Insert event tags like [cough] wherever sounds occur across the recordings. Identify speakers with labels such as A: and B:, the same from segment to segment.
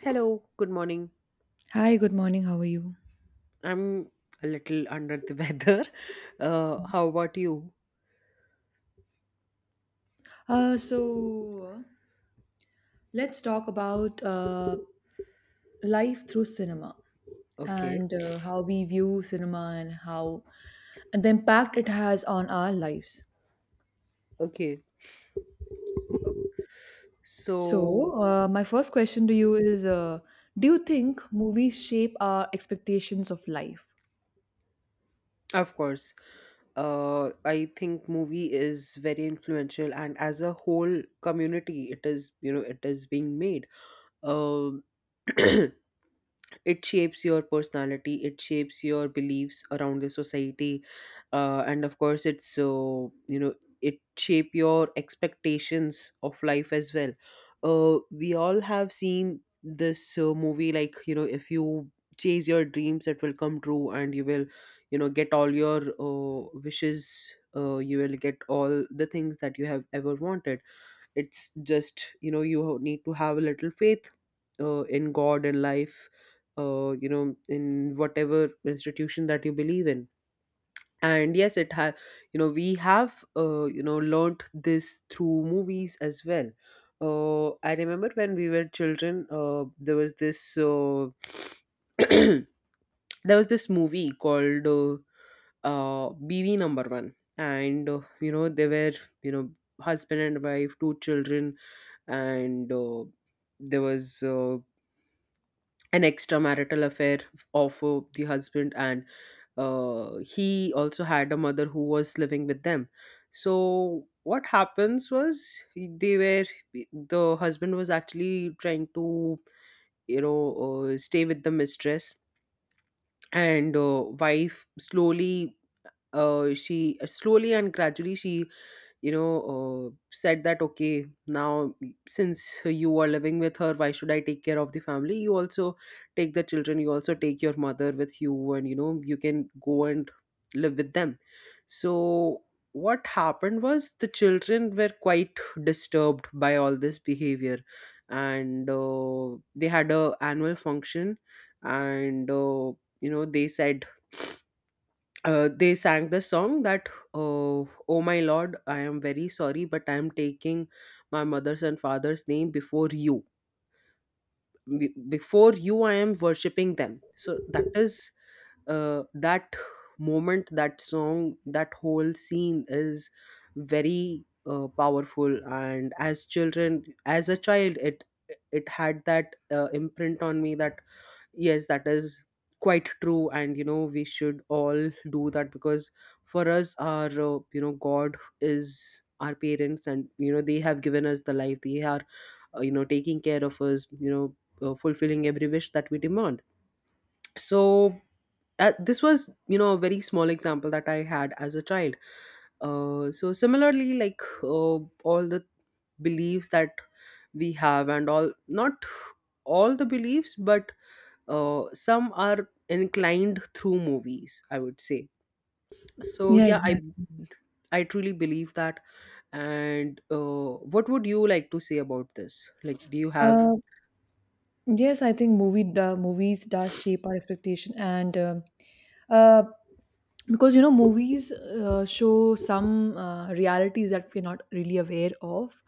A: Hello, good morning.
B: Hi, good morning. How are you?
A: I'm a little under the weather. [laughs] How about you?
B: So let's talk about life through cinema
A: Okay,
B: and how we view cinema and how and the impact it has on our lives.
A: okay. ok- So,
B: So my first question to you is: Do you think movies shape our expectations of life?
A: of course, I think movie is very influential, and as a whole community, it is, you know, it is being made. Um, [clears throat] it shapes your personality. It shapes your beliefs around the society, and of course it's so, you know, it shape your expectations of life as well. We all have seen this movie like, you know, if you chase your dreams, it will come true and you will get all your wishes. You will get all the things that you have ever wanted. It's just, you know, you need to have a little faith in god and life, you know, in whatever institution that you believe in. And yes, you know, we have, you know, learnt this through movies as well. I remember when we were children. There was this [clears throat] there was this movie called BV number 1, and you know, they were, you know, husband and wife, two children. And there was an extramarital affair of the husband. And he also had a mother who was living with them. So what happens was, they were, the husband was actually trying to, you know, stay with the mistress. And wife slowly, she, slowly and gradually she, you know, said that, okay, now since you are living with her, why should I take care of the family? You also take the children, you also take your mother with you, and you know, you can go and live with them. So what happened was, the children were quite disturbed by all this behavior. And they had a annual function. And you know, they said, they sang the song that, uh, oh my lord, I am very sorry, but I am taking my mother's and father's name before you. Before you I am worshipping them. So that is that moment, that song, that whole scene is very powerful, and as children, as a child, it had that imprint on me that, yes, that is quite true. And, you know, we should all do that because for us, our, you know, God is our parents, and, you know, they have given us the life. They are, you know, taking care of us, you know, fulfilling every wish that we demand. So, this was, you know, a very small example that I had as a child. So, similarly, like, all the beliefs that we have and all, not all the beliefs, but some are inclined through movies, I would say. So
B: Yeah,
A: yeah,
B: exactly.
A: I truly believe that. And what would you like to say about this, like, do you have…
B: Uh, Yes, I think movies does shape our expectation, and uh, because you know movies show some realities that we're not really aware of.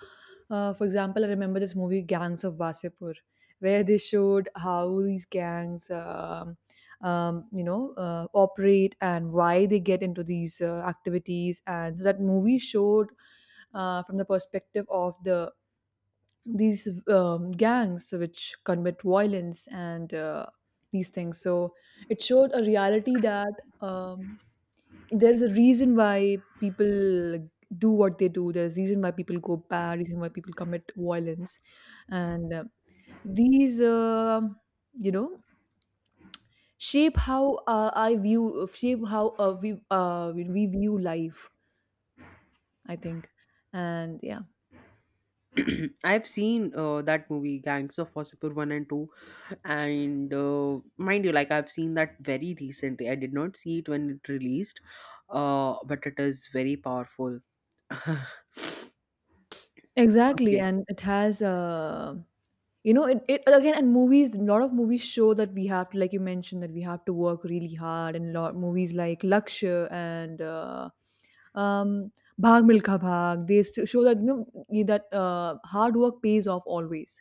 B: For example, I remember this movie Gangs of Wasipur, where they showed how these gangs, you know, operate and why they get into these activities, and so that movie showed from the perspective of these gangs which commit violence and these things. So it showed a reality that um, there's a reason why people like, do what they do. There's reason why people go bad. Reason why people commit violence, and these you know shape how we view life. I think, and yeah.
A: [clears throat] I've seen that movie Gangs of Wasseypur 1 and 2. And mind you, like, I've seen that very recently. I did not see it when it released. But it is very powerful. [laughs]
B: Exactly,
A: Okay.
B: and it has you know it again and movies, a lot of movies show that we have to, like you mentioned, that we have to work really hard. And lot movies like Lakshya and um Bhag Milka Bhag, they show that you know that hard work pays off always.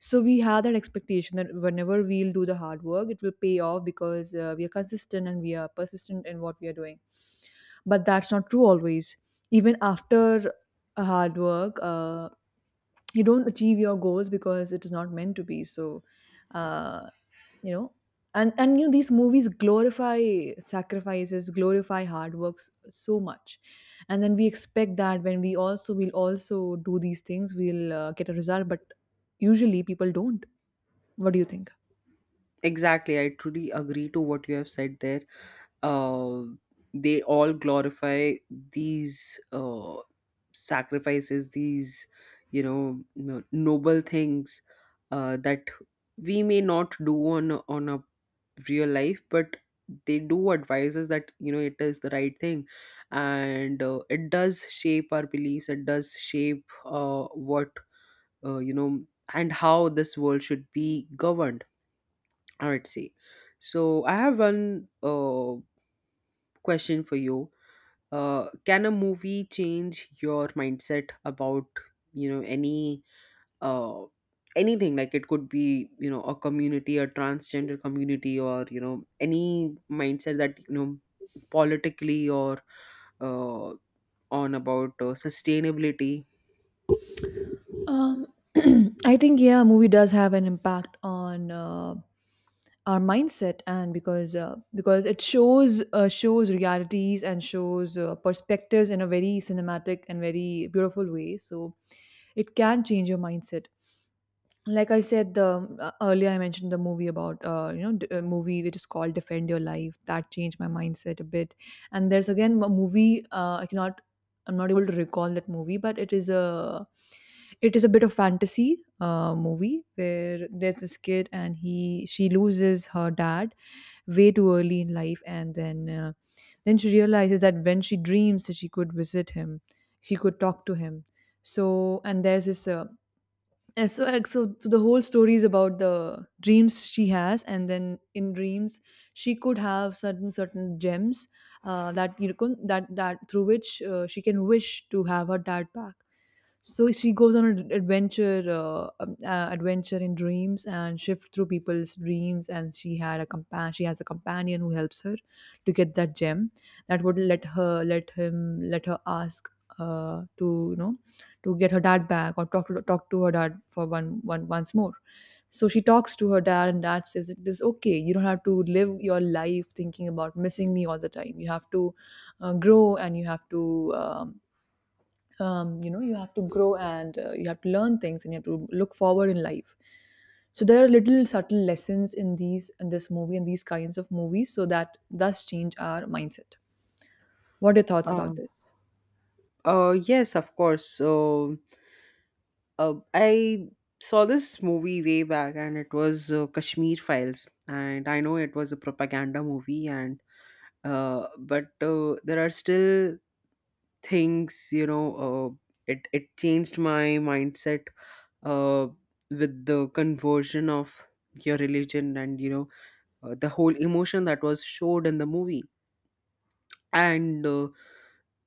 B: So we have that expectation that whenever we'll do the hard work, it will pay off because we are consistent and we are persistent in what we are doing. But that's not true always. Even after hard work you don't achieve your goals because it is not meant to be so uh, you know, and you know, these movies glorify sacrifices, glorify hard works so much, and then we expect that when we also will also do these things, we'll get a result, but usually people don't. What do you think?
A: Exactly, I truly agree to what you have said there. uh, they all glorify these sacrifices, these, you know, noble things that we may not do on a real life, but they do advise us that, you know, it is the right thing, and it does shape our beliefs. It does shape what, you know, and how this world should be governed, I would say. So I have one question for you. Can a movie change your mindset about, you know, any uh, anything, like it could be, you know, a community, a transgender community, or you know, any mindset that, you know, politically or uh, on about sustainability?
B: Um, [clears throat] I think yeah, movie does have an impact on our mindset, and because it shows shows realities and shows perspectives in a very cinematic and very beautiful way. So it can change your mindset. Like I said, the earlier I mentioned the movie about you know, a movie which is called Defend Your Life, that changed my mindset a bit. And there's again a movie I cannot, I'm not able to recall that movie, but it is a, it is a bit of fantasy movie where there's this kid and he she loses her dad way too early in life, and then she realizes that when she dreams, that she could visit him, she could talk to him. So, and there's this yeah, so, so the whole story is about the dreams she has, and then in dreams she could have certain certain gems that you know, that through which she can wish to have her dad back. So she goes on an adventure, adventure in dreams, and shift through people's dreams. And she has a companion who helps her to get that gem that would let her, let her ask to you know, to get her dad back or talk to, talk to her dad for one once more. So she talks to her dad, and dad says it is okay. You don't have to live your life thinking about missing me all the time. You have to grow, and you have to. Um, you know, you have to grow and you have to learn things and you have to look forward in life. So there are little subtle lessons in these in this movie and these kinds of movies, so that thus change our mindset. What are your thoughts
A: uh,
B: about this?
A: yes, of course. So I saw this movie way back, and it was Kashmir Files, and I know it was a propaganda movie. And but there are still things, you know, it changed my mindset uh, with the conversion of your religion, and you know, the whole emotion that was showed in the movie. And uh,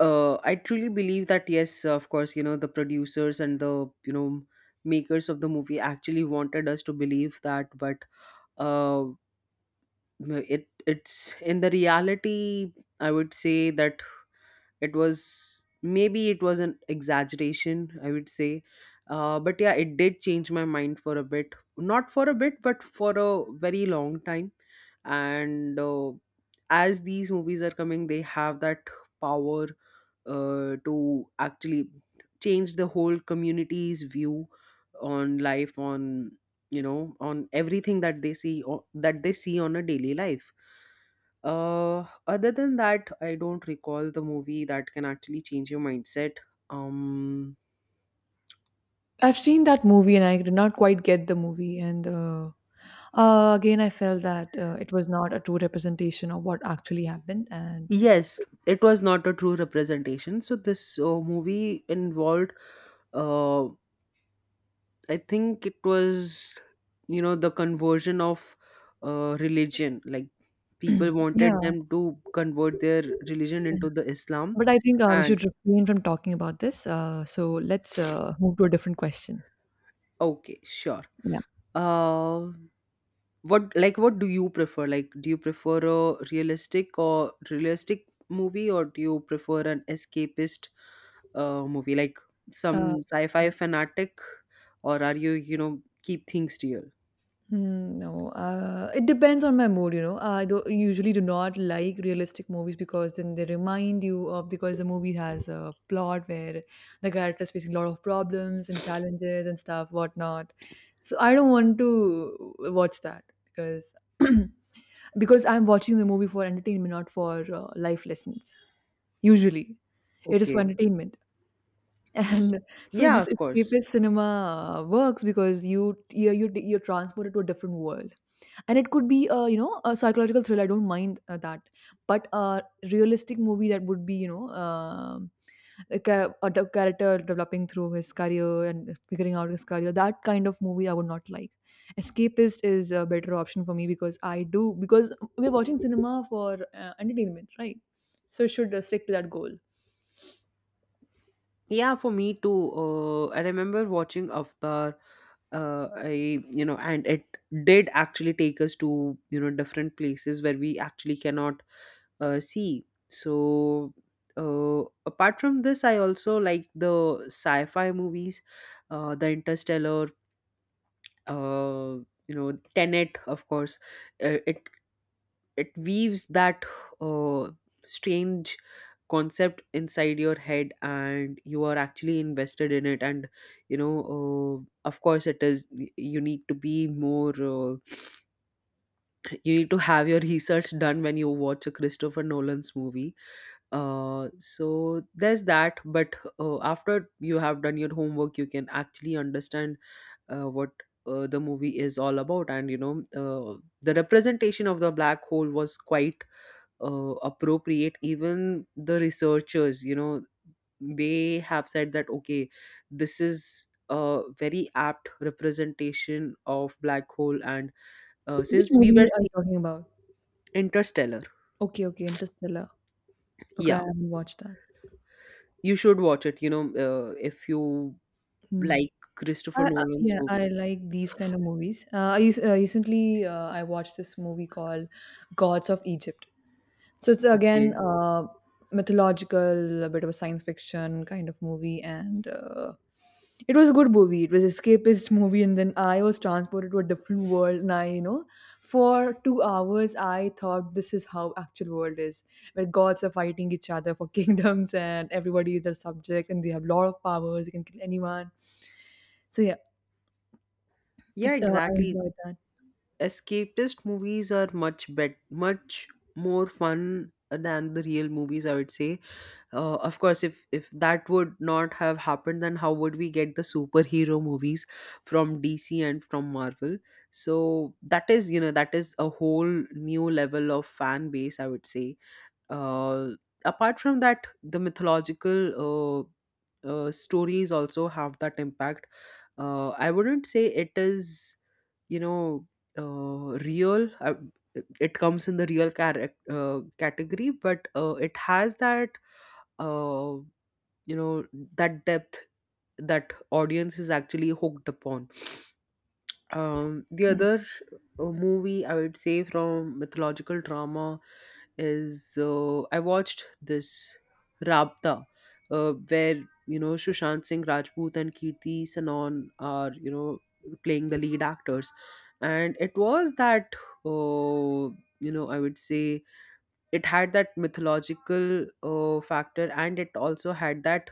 A: uh, I truly believe that, yes, of course, you know, the producers and the, you know, makers of the movie actually wanted us to believe that, but uh, it, it's in the reality, I would say that it was, maybe it was an exaggeration, I would say. But yeah, it did change my mind for a bit, not for a bit, but for a very long time. And as these movies are coming, they have that power to actually change the whole community's view on life, on, you know, on everything that they see that they see on a daily life. Other than that, I don't recall the movie that can actually change your mindset. Um,
B: I've seen that movie and I did not quite get the movie, and again I felt that it was not a true representation of what actually happened, and
A: yes,
B: so
A: it was not a true representation. So this movie involved, uh, I think it was, you know, the conversion of religion. Like people
B: [clears throat]
A: wanted
B: yeah,
A: them to convert their religion
B: yeah.
A: into the Islam,
B: But I think we
A: and
B: should refrain from talking about this. So let's move to a different question.
A: okay, sure. Uh, what, like what do you prefer, like, do you prefer a realistic or realistic movie, or do you prefer an escapist movie, like
B: Uh,
A: some sci-fi fanatic, or are you, you know, keep things real?
B: hmm, no, it depends on my mood, you know. I do, usually do not like realistic movies, because then they remind you of, because the movie has a plot where the character is facing a lot of problems and challenges and stuff, whatnot. So I don't want to watch that because [clears throat] because I'm watching the movie for entertainment, not for life lessons. Usually, it is for
A: Okay.
B: entertainment. And so
A: Yeah,
B: this
A: of course.
B: escapist cinema works because you're transported to a different world, and it could be a, you know, a psychological thriller. I don't mind that, but a realistic movie, that would be, you know, a, character developing through his career and figuring out his career. That kind of movie I would not like. Escapist is a better option for me, because I do, because we're watching cinema for entertainment, right? So should stick to that goal.
A: Yeah, for me too. I remember watching Avatar. I, you know, and it did actually take us to, you know, different places where we actually cannot see. So apart from this, I also like the sci-fi movies, the Interstellar, uh, you know, Tenet, of course. It, it weaves that uh, strange concept inside your head, and you are actually invested in it. And you know, of course it is, you need to be more, you need to have your [laughs] research done when you watch a Christopher Nolan's movie. So there's that, but after you have done your homework, you can actually understand what, the movie is all about. And you know, the representation of the black hole was quite appropriate. Even the researchers, you know, they have said that, okay, this is a very apt representation of black hole. And
B: Which
A: since we were
B: movie are you
A: seeing
B: talking about?
A: Interstellar,
B: Okay, okay, Interstellar. Okay, I
A: yeah,
B: haven't watched that.
A: you should watch it. You know, if you
B: Hmm.
A: like Christopher Nolan's
B: Yeah, I
A: movie.
B: like these kind of movies. Recently I watched this movie called Gods of Egypt. So it's again
A: Okay.
B: mythological, a bit of a science fiction kind of movie, and it was a good movie. It was escapist movie, and then I was transported to a different world. And I, you know, for 2 hours, I thought this is how actual world is, where gods are fighting each other for [laughs] kingdoms, and everybody is their subject, and they have lot of powers. You can kill anyone. So yeah,
A: Yeah,
B: it, I
A: exactly.
B: enjoyed that.
A: Escapist movies are much bet much more fun than the real movies, I would say. Of course, if that would not have happened, then how would we get the superhero movies from DC and from Marvel? So that is, you know, that is a whole new level of fan base, I would say. uh, Apart from that, the mythological stories also have that impact. I wouldn't say it is, you know, real, it comes in the real category, but it has that uh, you know, that depth that audience is actually hooked upon. Um, the other movie I would say from mythological drama is I watched this Rabta, where you know Sushant Singh Rajput and Kirti Sanon are, you know, playing the lead actors, and it was that uh, you know, I would say it had that mythological factor, and it also had that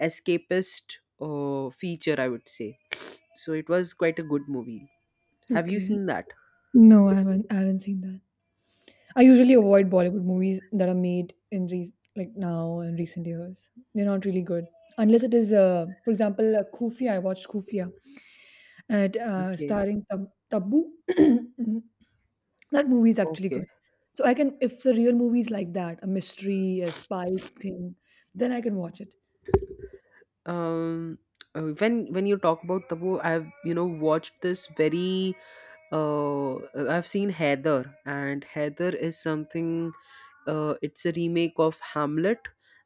A: escapist feature, I would say. So it was quite a good movie. Have you
B: Okay.
A: seen that?
B: No, I haven't. I haven't seen that. I usually avoid Bollywood movies that are made in re- like now in recent years. They're not really good unless it is, for example, Khufia. I watched Khufia and
A: Okay,
B: starring Tab- Tabu. [clears throat] that movie is actually
A: okay.
B: good. So I can, if the real movie is like that, a mystery, a spy thing, then I can watch it.
A: Um, when you talk about Tabu, I've, you know, watched this very… Uh, I've seen Heather, and Heather is something. It's a remake of Hamlet,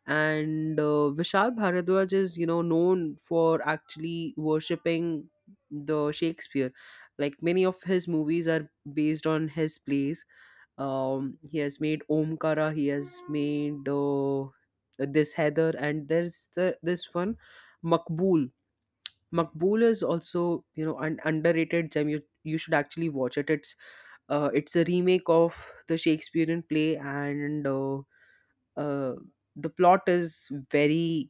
A: and Vishal Bharadwaj is, you know, known for actually worshipping the Shakespeare. Like many of his movies are based on his plays. Um, he has made Omkara, he has made this Heather, and there's the this one, Makbul. Makbul is also, you know, an underrated gem. You should actually watch it. It's it's a remake of the Shakespearean play. And uh, the plot is very,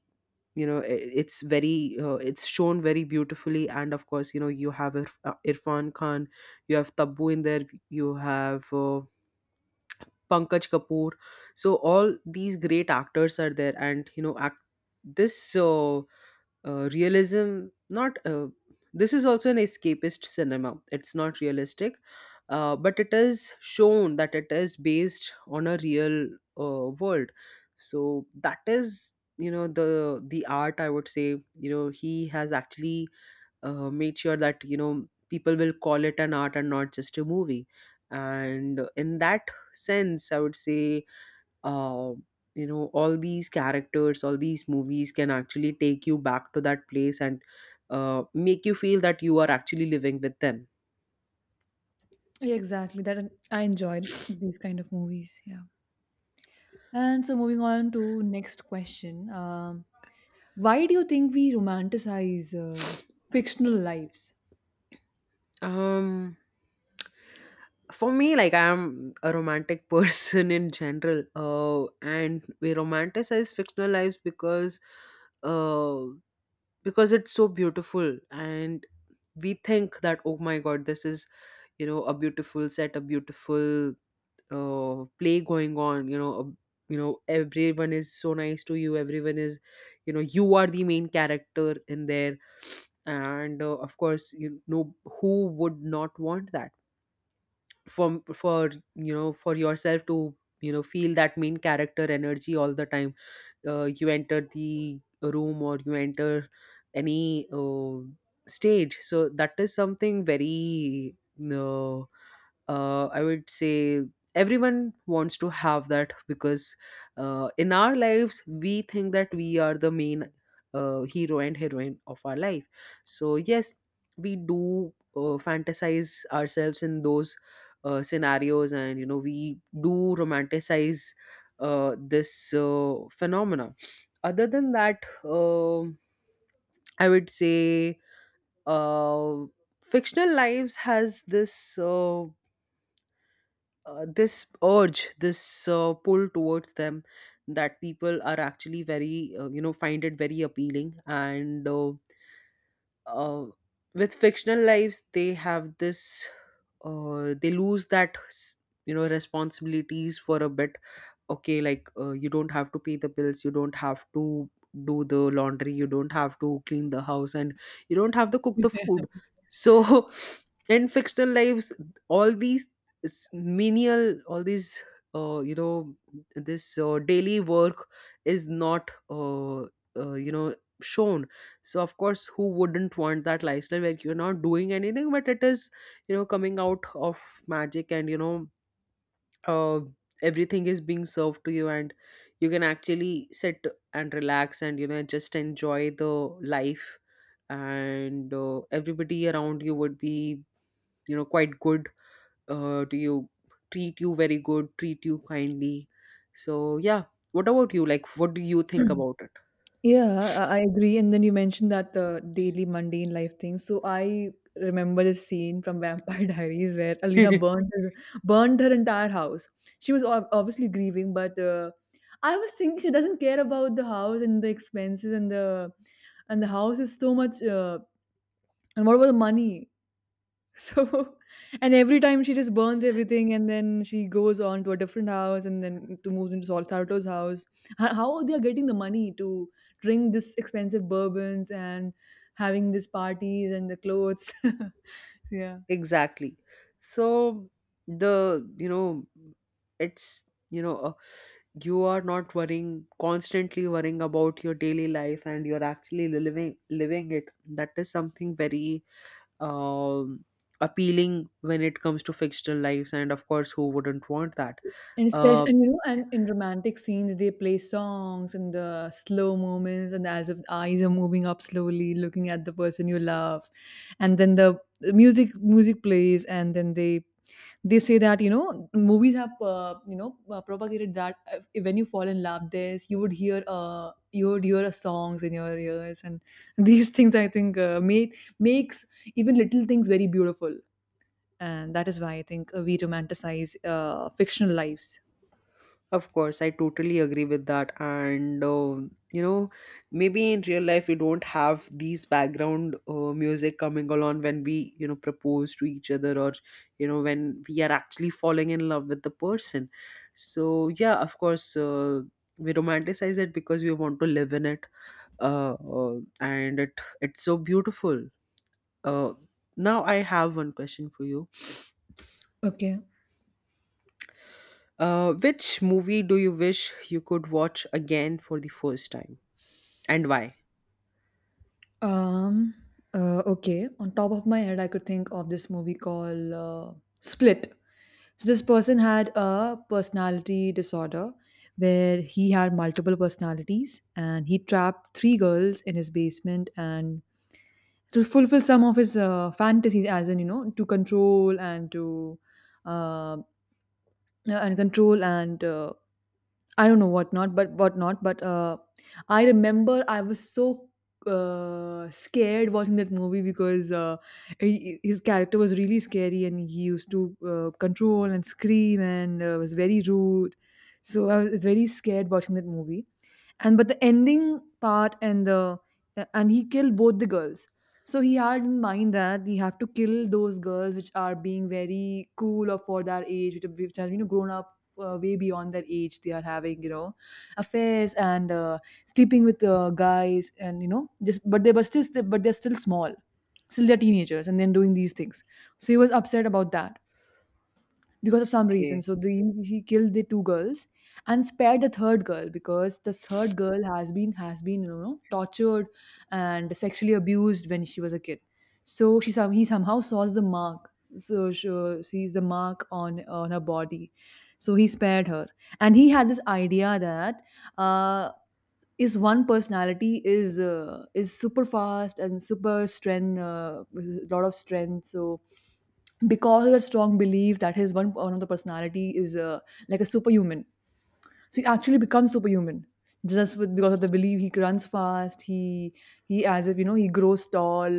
A: you know, it's very it's shown very beautifully. And of course, you know, you have Irfan Khan, you have Taboo in there, you have Pankaj Kapoor. So all these great actors are there, and you know, act this realism. Not this is also an escapist cinema. It's not realistic, but it is shown that it is based on a real world. So that is the art, I would say. He has actually made sure that you know people will call it an art and not just a movie. And in that sense, I would say, uh, you know, all these characters, all these movies can actually take you back to that place and make you feel that you are actually living with them.
B: Exactly that I enjoy these kind of movies. Yeah. And so moving on to next question. Why do you think we romanticize fictional lives?
A: um for me, like, I'm a romantic [laughs] person in general. And we romanticize fictional lives uh, because it's so beautiful. And we think that, oh my god, this is, you know, a beautiful set, a beautiful play going on. You know, a, you know, everyone is so nice to you, everyone is, you know, you are the main character in there. And of course, you know, who would not want that? From for you know, for yourself to, you know, feel that main character energy all the time. You enter the room, or you enter any stage. So that is something very uh, I would say everyone wants to have that, because in our lives we think that we are the main hero and heroine of our life. So yes, we do fantasize ourselves in those scenarios, and you know, we do romanticize this phenomena. Other than that, I would say, uh, fictional lives has this. This urge, this pull towards them, that people are actually very, you know, find it very appealing. And uh, with fictional lives they have this they lose you know, responsibilities for a bit. Okay, like, you don't have to pay the bills, you don't have to do the laundry, you don't have to clean the house, and you don't have to cook the
B: [laughs]
A: food. So [laughs] in fictional lives, all these menial, all these you know, this daily work is not you know, shown. So of course, who wouldn't want that lifestyle where you're not doing anything, but it is, you know, coming out of magic, and you know, uh, everything is being served to you, and you can actually sit and relax and, you know, just enjoy the life. And everybody around you would be, you know, quite good to you, treat you very good, treat you kindly. So yeah, what about you, like, what do you
B: Yeah.
A: think
B: [clears throat]
A: about
B: Yeah, I agree. And then you mentioned that the daily mundane life thing. So I remember this scene from Vampire [laughs] Diaries where Alina
A: it? [laughs]
B: burned her entire house. She was ob- obviously grieving, but I was thinking she doesn't care about the house and the expenses and the house is so much. And what about the money? So, [laughs] and every time she just burns everything, and then she goes on to a different house, and then to moves into Sol Sarato's house. Ho- How they are getting the money to drink this expensive bourbons and having these parties and the clothes? [laughs] yeah.
A: Exactly. So the you know it's, you know, you are not worrying, constantly worrying about your daily life, and you're actually living it. That is something very um appealing when it comes to fictional lives. And of course, who wouldn't want that?
B: And especially,
A: Um.
B: and you know, and in romantic scenes, they play songs and the slow moments, and as if eyes are moving up slowly, looking at the person you love, and then the music music plays, and then they say that you know movies have you know propagated that when you fall in love, this you would hear songs in your ears, and [laughs] these things I think made makes even little things very beautiful, and that is why I think we romanticize fictional lives.
A: Of course, I totally agree with that. And, you know, maybe in real life, we don't have these background music coming along when we, you know, propose to each other, or, you know, when we are actually falling in love with the person. So, yeah, of course, we romanticize it because we want to live in it. And it's so beautiful. Uh, Now, I have one question for you.
B: Okay.
A: Which movie do you wish you could watch again for the first time? And why?
B: Um. Okay. On top of my head, I could think of this movie called Split. So this person had a personality disorder where he had multiple personalities, and he trapped three girls in his basement and to fulfill some of his fantasies, as in you know, to control and to uh, and control and I don't know what not, but I remember I was so scared watching that movie because he, his character was really scary, and he used to control and scream and was very rude. So I was very scared watching that movie, and but the ending part and the and he killed both the girls. So he had in mind that he have to kill those girls which are being very cool or for their age, which are, which are grown up way beyond their age. They are having affairs and sleeping with guys and you know just but they were still but they're still small, still they're teenagers and then doing these things, so he was upset about that because of some reason.
A: Okay.
B: So the he killed the two girls and spared the third girl because the third girl has been tortured and sexually abused when she was a kid. So she some he somehow saws the mark. So she sees the mark on her body. So he spared her, and he had this idea that uh, is one personality is super fast and super strength, with a lot of strength. So because of that strong belief that his one of the personality is like a superhuman, so he actually becomes superhuman just with because of the belief. He runs fast, he as if you know he grows tall.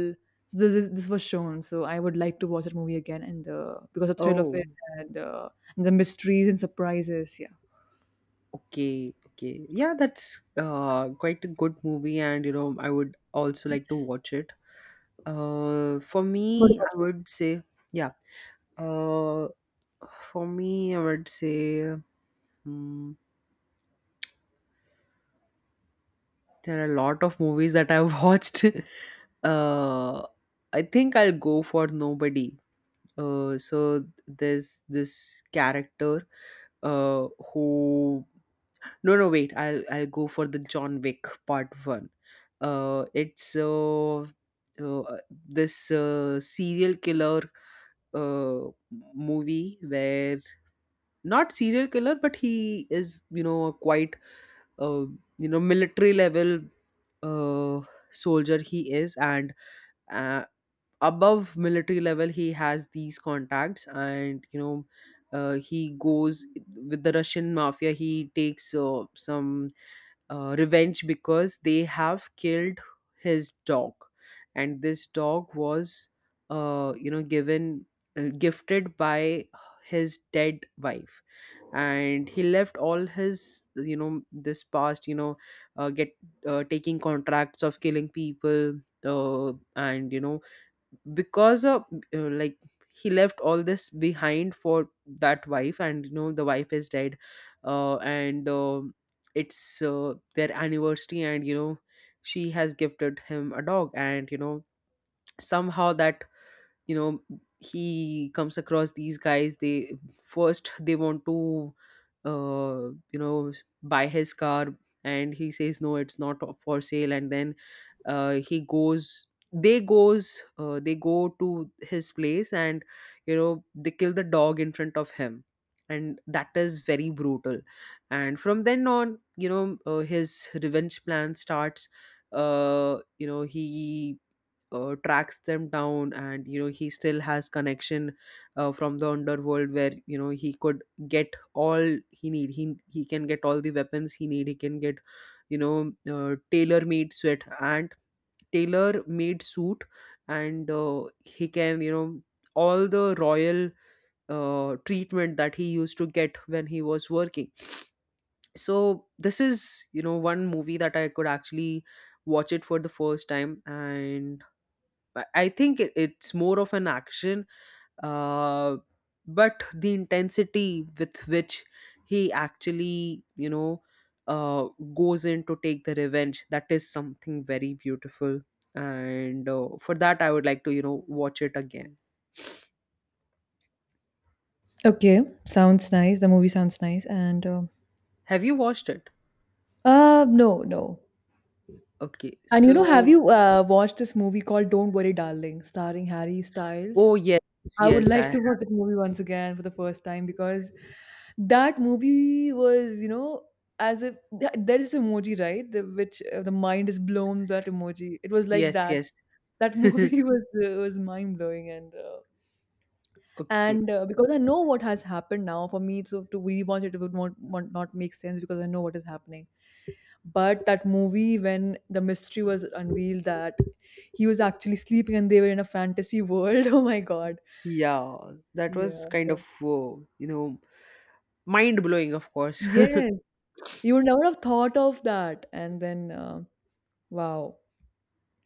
B: So this was shown. So I would like to watch that movie again, and because of the thrill of
A: Oh,
B: it and, uh, and the mysteries and surprises. Yeah.
A: okay, okay. Yeah, that's quite a good movie, and you know, I would also like to watch it. For
B: What
A: me,
B: about
A: I
B: you?
A: would say, yeah. Uh, for me, I would say, hmm, there are a lot of movies that I've [laughs] watched. uh, I think I'll go for Nobody. So there's this character uh who No, no, wait. I'll go for the John Wick Part One. It's uh this serial killer uh movie where, not serial killer, but he is, you know, a quite uh you know, military level uh soldier he is. And uh, above military level, he has these contacts. And you know, he goes with the Russian mafia, he takes some revenge because they have killed his dog. And this dog was you know, given gifted by his dead wife. And he left all his, you know, this past, you know, get taking contracts of killing people. And you know, because of like, he left all this behind for that wife, and you know, the wife is dead. And It's their anniversary, and you know, she has gifted him a dog. And you know, somehow that, you know, he comes across these guys. They, first they want to you know, buy his car, and he says no, it's not for sale. And then he goes they go to his place, and you know, they kill the dog in front of him, and that is very brutal. And from then on, you know, his revenge plan starts. You know, he tracks them down, and you know, he still has connection from the underworld, where you know, he could get all he need, he can get all the weapons he need, he can get, you know, tailor made sweat and tailor made suit. And he can, you know, all the royal treatment that he used to get when he was working. So this is, you know, one movie that I could actually watch it for the first time. And I think it, it's more of an action, uh, but the intensity with which he actually, you know, uh, goes in to take the revenge, that is something very beautiful. And for that, I would like to, you know, watch it again.
B: Okay, sounds nice. The movie sounds nice. And
A: Have you watched it?
B: no, no.
A: Okay.
B: And you know, have
A: So,
B: you watched this movie called Don't Worry, Darling, starring Harry Styles?
A: oh, yes,
B: I would
A: yes, I
B: like to
A: have.
B: watch that movie once again for the first time because that movie was, you know, as if there is emoji, right? The, which the mind is blown. That emoji. It was like
A: Yes,
B: that.
A: yes.
B: That
A: [laughs]
B: movie [laughs] was mind blowing,
A: Okay.
B: and because I know what has happened now for me, so to rewatch it would not make sense because I know what is happening. But that movie, when the mystery was unveiled, that he was actually sleeping and they were in a fantasy world [laughs] oh my god.
A: Yeah, that was
B: Yeah,
A: kind of,
B: so,
A: you know, mind blowing, of course.
B: yes, you would never have thought of that, and then wow.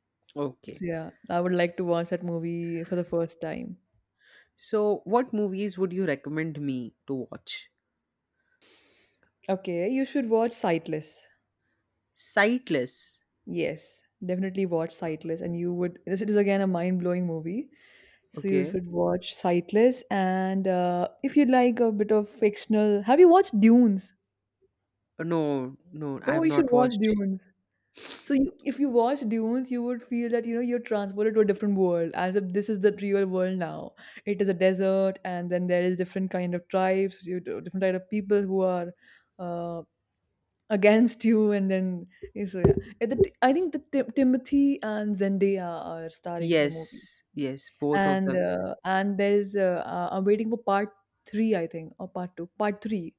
A: [laughs] Okay.
B: So, yeah, I would like to watch that movie for the first time.
A: So, what movies would you recommend me to watch?
B: Okay, you should watch Sightless.
A: Sightless.
B: Yes, definitely watch Sightless, and you would. This is again a mind-blowing movie, so you
A: Okay.
B: should watch Sightless. And if you like a bit of fictional, have you watched Dunes?
A: No, no, I
B: Oh,
A: have
B: you should
A: not
B: watch
A: watched.
B: Dunes. So you, if you watch Dunes, you would feel that you know you're transported to a different world, as if this is the real world now. It is a desert, and then there is different kind of tribes, you, different kind of people who are uh, against you, and then yeah, so yeah. Yeah, the, I think the Timothy and Zendaya are starring in the movie,
A: Yes, yes, both of them.
B: and there's I'm waiting for part three, I think, or part two, part three.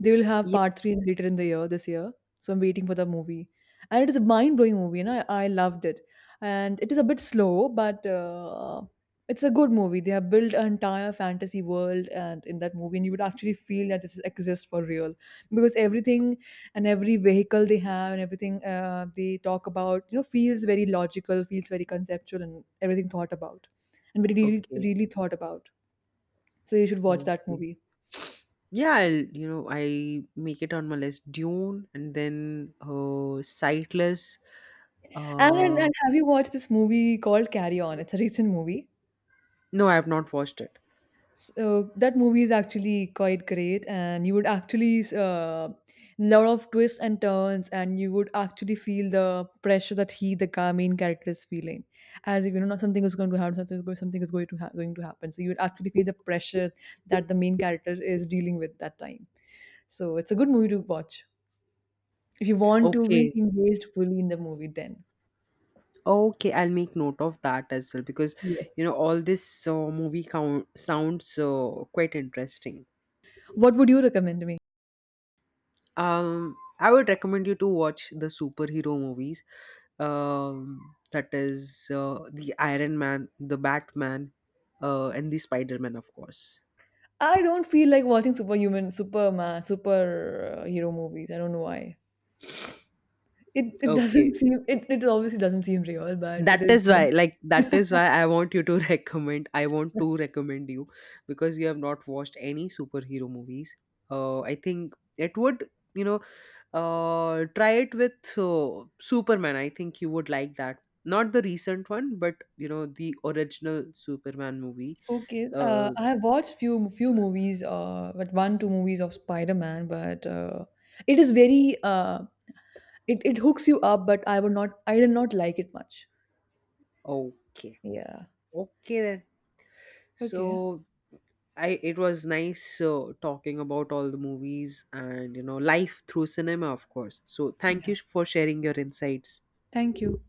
B: They will have
A: Yeah.
B: part three later in the year, this year. So I'm waiting for the movie, and it is a mind-blowing movie, and I loved it. And it is a bit slow, but it's a good movie. They have built an entire fantasy world, and in that movie, and you would actually feel that this exists for real because everything and every vehicle they have and everything they talk about, you know, feels very logical, feels very conceptual, and everything thought about, and very really,
A: Okay.
B: really thought about. So you should watch that
A: Okay.
B: movie.
A: Yeah, I'll, you know, I make it on my list. Dune, and then Sightless. Uh,
B: And have you watched this movie called Carry On? It's a recent movie.
A: no, I have not watched it.
B: So that movie is actually quite great, and you would actually lot of twists and turns, and you would actually feel the pressure that he, the main character, is feeling, as if you know something is going to happen, something is going to going to happen. So you would actually feel the pressure that the main character is dealing with that time. So it's a good movie to watch if you want to be
A: Okay.
B: engaged fully in the movie. Then
A: Okay, I'll make note of that as well, because
B: yes,
A: you know, all this movie count sounds quite interesting.
B: what would you recommend me?
A: I would recommend you to watch the superhero movies. Um, that is the Iron Man, the Batman, and the Spider Man, of course.
B: I don't feel like watching superhero movies. I don't know why. It doesn't [laughs]
A: Okay,
B: seem it obviously doesn't seem real, but
A: that
B: it is.
A: is why, like, that is
B: [laughs]
A: why I want you to [laughs] recommend. I want to recommend you because you have not watched any superhero movies. I think it would, you know, try it with Superman. I think you would like that. Not the recent one, but you know, the original Superman movie.
B: Okay,
A: Uh,
B: I have watched few movies, but one two movies of Spider Man, but it is very it hooks you up, but I would not I did not like it much.
A: okay,
B: Yeah.
A: okay then.
B: Okay.
A: So I, it was nice talking about all the movies and, you know, life through cinema, of course. So thank
B: Yeah.
A: you for sharing your insights.
B: Thank you.